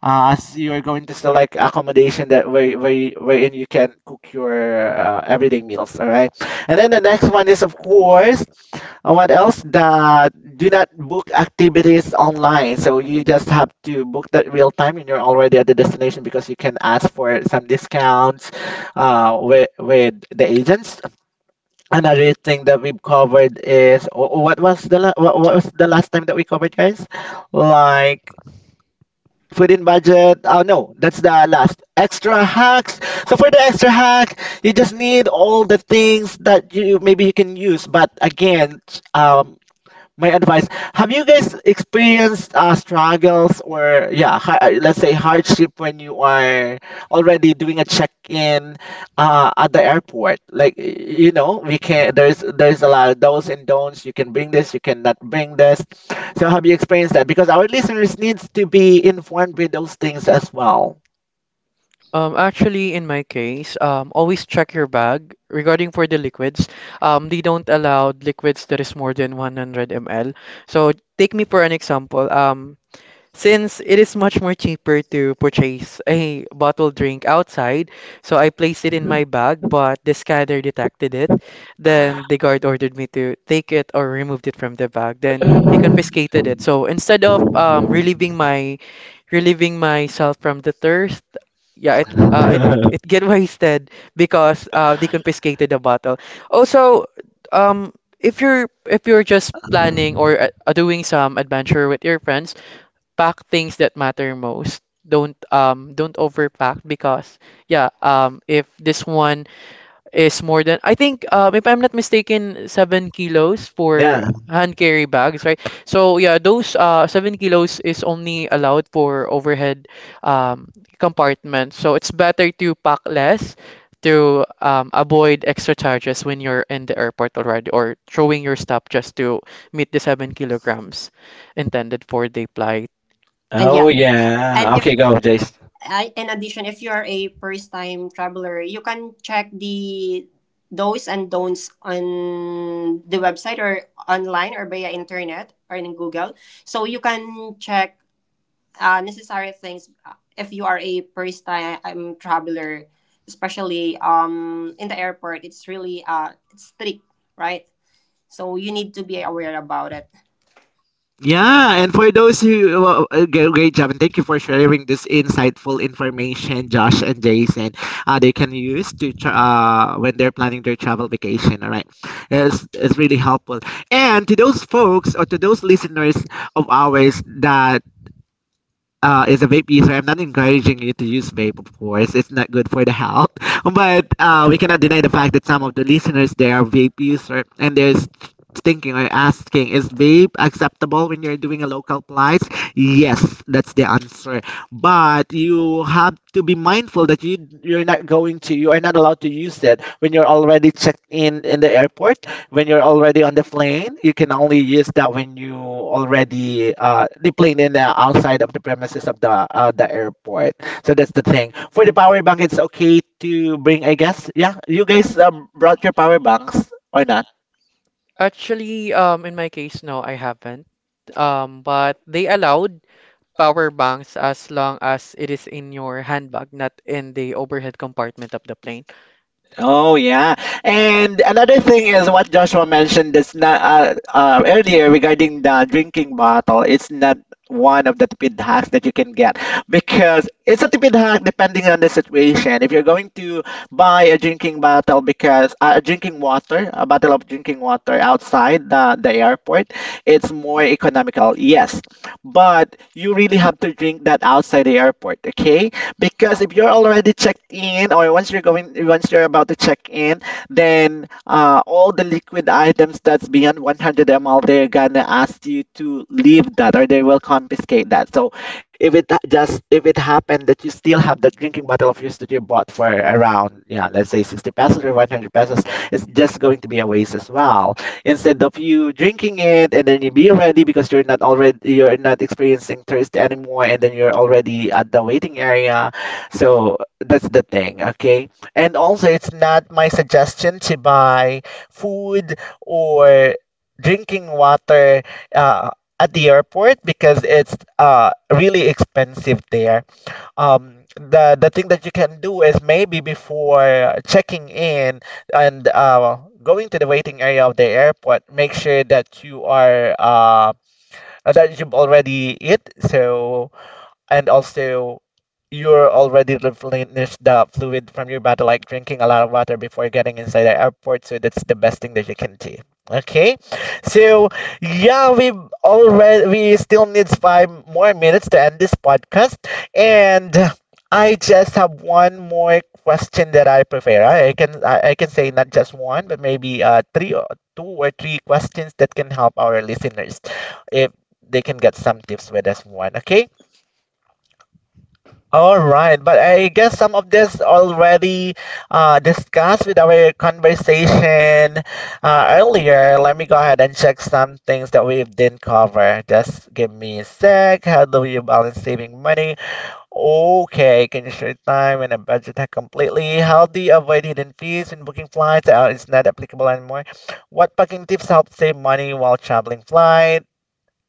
Speaker 1: As you're going to select accommodation that wherein you can cook your everyday meals. All right, and then the next one is, of course, what else? The, do not book activities online. So you just have to book that real time when you're already at the destination because you can ask for some discounts with the agents. Another thing that we've covered is what was the last time that we covered, guys, like food in budget? Oh no, that's the last extra hacks. So for the extra hack, you just need all the things that you maybe you can use. But again, um my advice, have you guys experienced struggles, or yeah, let's say hardship when you are already doing a check-in at the airport? Like, you know, we can, there's a lot of do's and don'ts. You can bring this, you cannot bring this. So have you experienced that? Because our listeners needs to be informed with those things as well.
Speaker 2: Actually, in my case, always check your bag. Regarding for the liquids, they don't allow liquids that is more than 100 ml. So take me for an example. Since it is much more cheaper to purchase a bottled drink outside, so I placed it in my bag, but the scanner detected it. Then the guard ordered me to take it or removed it from the bag. Then he confiscated it. So instead of relieving myself from the thirst, yeah, it get wasted because they confiscated the bottle. Also, if you're just planning or doing some adventure with your friends, pack things that matter most. Don't overpack because yeah, if this one is more than I think if I'm not mistaken 7 kilos
Speaker 1: Yeah.
Speaker 2: for hand carry bags, right? So yeah, those 7 kilos is only allowed for overhead compartment. So it's better to pack less to avoid extra charges when you're in the airport already or throwing your stuff just to meet the 7 kilograms intended for the flight.
Speaker 1: Oh yeah, okay, go, Jace. Yeah, and for those who, well, great job, and thank you for sharing this insightful information, Josh and Jason. They can use to when they're planning their travel vacation. All right, it's really helpful. And to those folks or to those listeners of ours that is a vape user. I'm not encouraging you to use vape, of course. It's not good for the health. But we cannot deny the fact that some of the listeners there are vape user, and there's thinking or asking, is vape acceptable when you're doing a local plies? Yes, that's the answer. But you have to be mindful that you're not going to, you are not allowed to use it when you're already checked in the airport, when you're already on the plane. You can only use that when you already the plane in the outside of the premises of the airport. So that's the thing. For the power bank, it's okay to bring, I guess. Yeah. You guys brought your power banks or not?
Speaker 2: Actually, in my case, no, I haven't. But they allowed power banks as long as it is in your handbag, not in the overhead compartment of the plane.
Speaker 1: Oh yeah, and another thing is what Joshua mentioned that's not earlier regarding the drinking bottle. It's not one of the tipid hacks that you can get, because it's a tipid hack depending on the situation. If you're going to buy a drinking bottle because a bottle of drinking water outside the airport, it's more economical. Yes, but you really have to drink that outside the airport. Okay, because if you're already checked in, or once you're going, once you're about to check in, then all the liquid items that's beyond 100 ml, they're gonna ask you to leave that, or they will confiscate that. So if it just, if it happened that you still have that drinking bottle of yours that you bought for around, yeah, let's say 60 pesos or 100 pesos, it's just going to be a waste as well, instead of you drinking it and then you be ready, because you're not experiencing thirst anymore, and then you're already at the waiting area. So that's the thing, okay? And also, it's not my suggestion to buy food or drinking water uh, at the airport, because it's really expensive there. The the thing that you can do is maybe before checking in and going to the waiting area of the airport, make sure that you are that you've already eat. So, and also, you're already replenish the fluid from your body, like drinking a lot of water before getting inside the airport. So that's the best thing that you can do. Okay, so yeah, we still needs 5 more minutes to end this podcast, and I just have one more question that I prefer. I can say not just one, but maybe three or two or three questions that can help our listeners if they can get some tips with us one. Okay, all right, but I guess some of this already discussed with our conversation earlier. Let me go ahead and check some things that we didn't cover. Just give me a sec. How do you balance saving money? Okay, can you share time and a budget hack completely? How do you avoid hidden fees when booking flights? It's not applicable anymore. What packing tips help save money while traveling flights?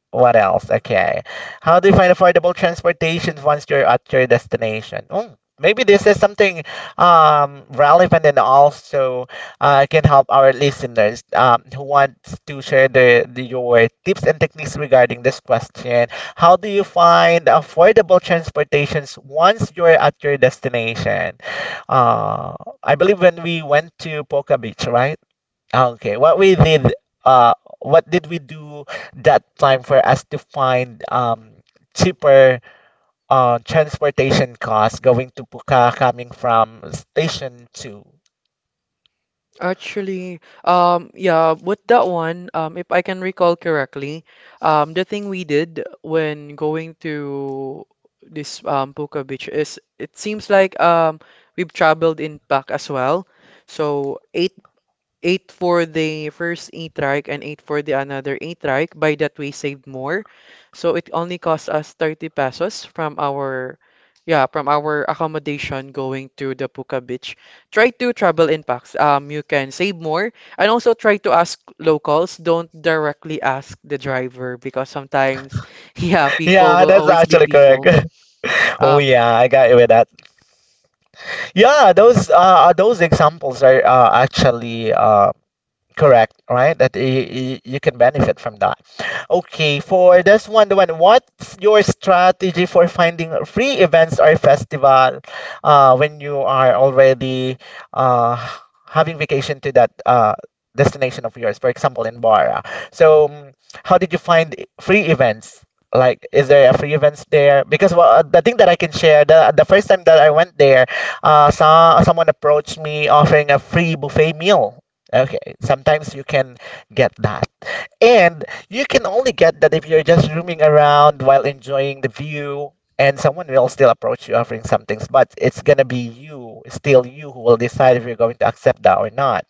Speaker 1: What else? Okay. How do you find affordable transportation once you're at your destination? Mm, maybe this is something relevant, and also can help our listeners who wants to share your tips and techniques regarding this question. How do you find affordable transportations once you're at your destination? Uh, I believe when we went to Poca Beach, right? Okay, what we did, what did we do that time for us to find cheaper transportation costs going to Puka coming from station two?
Speaker 2: Actually, yeah, with that one, if I can recall correctly, the thing we did when going to this Puka Beach is it seems like we've traveled in pack as well. So eight for the 1st eight A-trike and eight for the another eight trike. By that, we saved more. So it only cost us 30 pesos from our, yeah, from our accommodation going to the Puka Beach. Try to travel in packs. You can save more and also try to ask locals. Don't directly ask the driver because sometimes, yeah, people
Speaker 1: Yeah,
Speaker 2: will
Speaker 1: that's
Speaker 2: always be
Speaker 1: actually correct.
Speaker 2: people.
Speaker 1: Oh
Speaker 2: Um,
Speaker 1: yeah, I got you with that. Yeah, those examples are actually correct, right? That you can benefit from that. Okay, for this one, the one, what's your strategy for finding free events or festival when you are already uh, having vacation to that destination of yours, for example, in Bara? So, mm, how did you find free events? Like, is there a free events there? Because well, the thing that I can share, the first time that I went there, saw, someone approached me offering a free buffet meal. Okay, sometimes you can get that. And you can only get that if you're just roaming around while enjoying the view, and someone will still approach you offering some things, but it's gonna be you, still you, who will decide if you're going to accept that or not.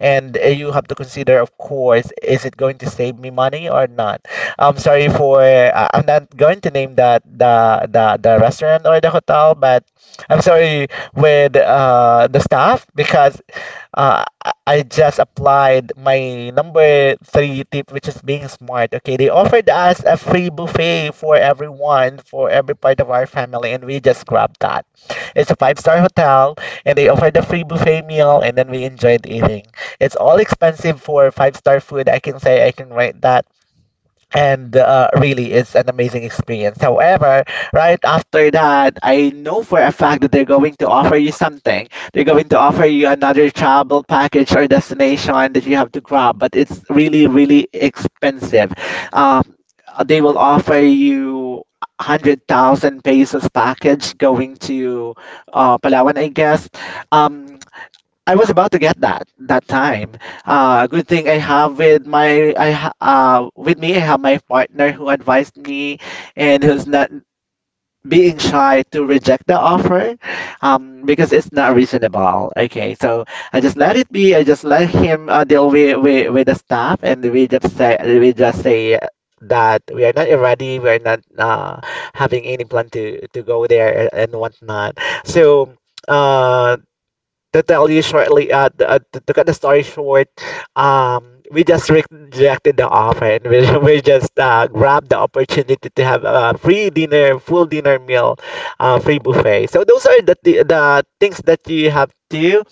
Speaker 1: And you have to consider, of course, is it going to save me money or not? I'm sorry for, I'm not going to name that the restaurant or the hotel, but I'm sorry with the staff, because I just applied my number 3 tip, which is being smart. Okay, they offered us a free buffet for everyone, for every part of our family, and we just grabbed that. It's a 5-star hotel, and they offered a free buffet meal, and then we enjoyed eating. It's all expensive for 5-star food. I can say I can rate that, and really it's an amazing experience. However, right after that, I know for a fact that they're going to offer you something. They're going to offer you another travel package or destination that you have to grab, but it's really really expensive. um, they will offer you 100,000 pesos package going to Palawan, I guess. Um, I was about to get that that time. Good thing I have with my I ha- with me I have my partner who advised me and who's not being shy to reject the offer, because it's not reasonable. Okay, so I just let it be. I just let him deal with, with the staff, and we just say that we are not ready. We are not having any plan to go there, and whatnot. So. Uh, to tell you shortly, th- to cut the story short, we just rejected the offer, and we, we just grabbed the opportunity to have a free dinner, full dinner meal, free buffet. So those are the things that you have to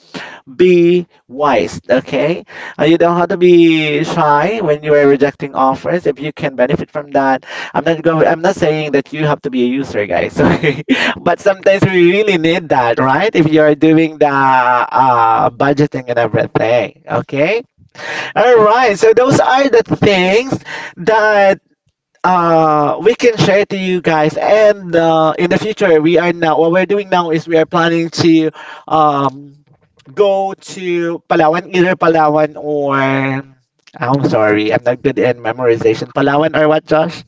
Speaker 1: be wise, okay? You don't have to be shy when you are rejecting offers. If you can benefit from that, I'm not going. I'm not saying that you have to be a user, guys. Okay, but sometimes we really need that, right? If you are doing the budgeting and everything, okay. All right. So those are the things that we can share to you guys, and in the future, we are now what we're doing now is we are planning to um go to Palawan, either Palawan or I'm sorry I'm not good in memorization, Palawan or what, Josh?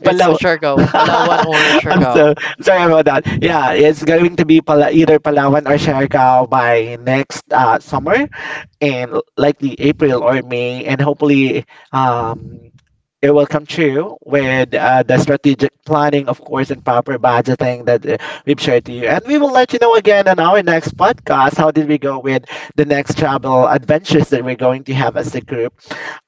Speaker 2: it's
Speaker 1: Palawan.
Speaker 2: Siargao, Palawan or
Speaker 1: I'm
Speaker 2: Siargao.
Speaker 1: so sorry about that. Yeah, it's going to be Pala either Palawan or Siargao by next summer, and likely April or May, and hopefully you're welcome to with the strategic planning, of course, and proper budgeting that we've shared to you. And we will let you know again on our next podcast how did we go with the next travel adventures that we're going to have as a group.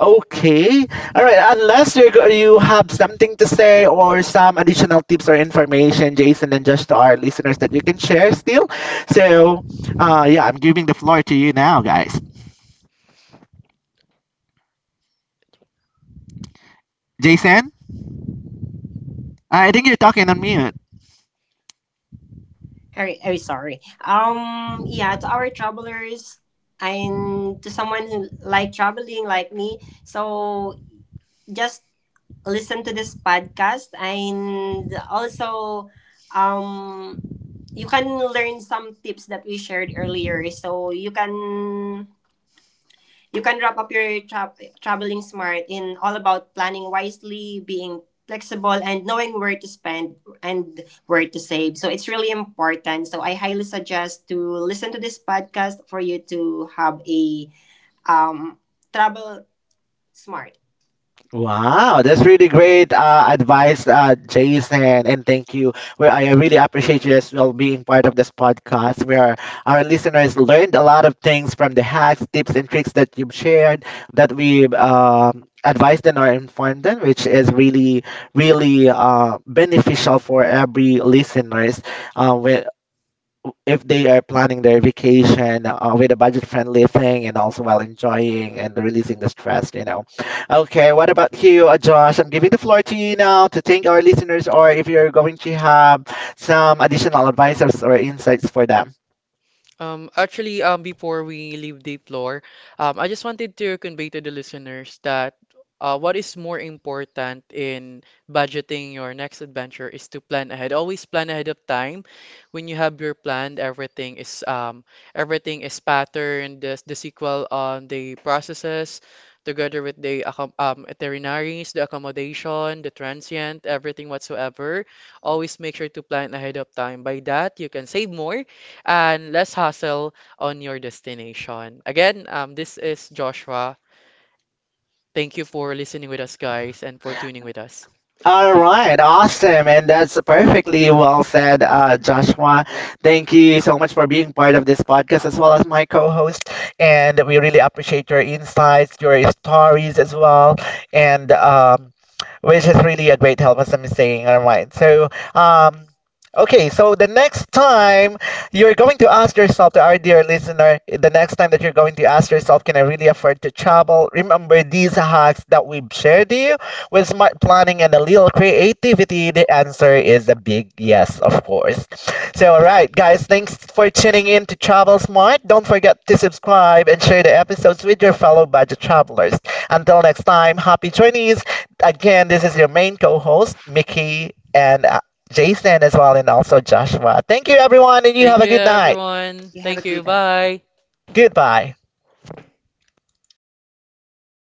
Speaker 1: Okay. All right. Unless you have something to say or some additional tips or information, Jason, and just to our listeners that you can share still. So, yeah, I'm giving the floor to you now, guys. Jason, I think you're talking on mute. Wow, that's really great advice, Jason, and thank you. I really appreciate you as well being part of this podcast where our listeners learned a lot of things from the hacks, tips, and tricks that you've shared, that we advised them or informed them, which is really, really beneficial for every listeners uh, if they are planning their vacation with a budget-friendly thing, and also while enjoying and releasing the stress, you know. Okay, what about you, Josh? I'm giving the floor to you now to thank our listeners, or if you're going to have some additional advices or insights for them.
Speaker 2: Actually, before we leave the floor, I just wanted to convey to the listeners that what is more important in budgeting your next adventure is to plan ahead. Always plan ahead of time. When you have your plan, everything is patterned. The sequel on the processes, together with the accom itineraries, the accommodation, the transient, everything whatsoever. Always make sure to plan ahead of time. By that, you can save more and less hassle on your destination. Again, this is Joshua. Thank you for listening with us, guys, and for tuning with us.
Speaker 1: All right, awesome. And that's perfectly well said, Joshua. Thank you so much for being part of this podcast as well as my co host. And we really appreciate your insights, your stories as well. And which is really a great help, as I'm saying. All right. So, um, okay. So the next time you're going to ask yourself, to our dear listener, the next time that you're going to ask yourself, can I really afford to travel? Remember these hacks that we've shared to you with smart planning and a little creativity, the answer is a big yes, of course. So, all right, guys, thanks for tuning in to Travel Smart. Don't forget to subscribe and share the episodes with your fellow budget travelers. Until next time, happy journeys. Again, this is your main co host, Mickey, and Jason as well, and also Joshua. Thank you, everyone, and you
Speaker 2: Thank
Speaker 1: have a
Speaker 2: you,
Speaker 1: good night.
Speaker 2: everyone. Thank you. Bye.
Speaker 1: Goodbye.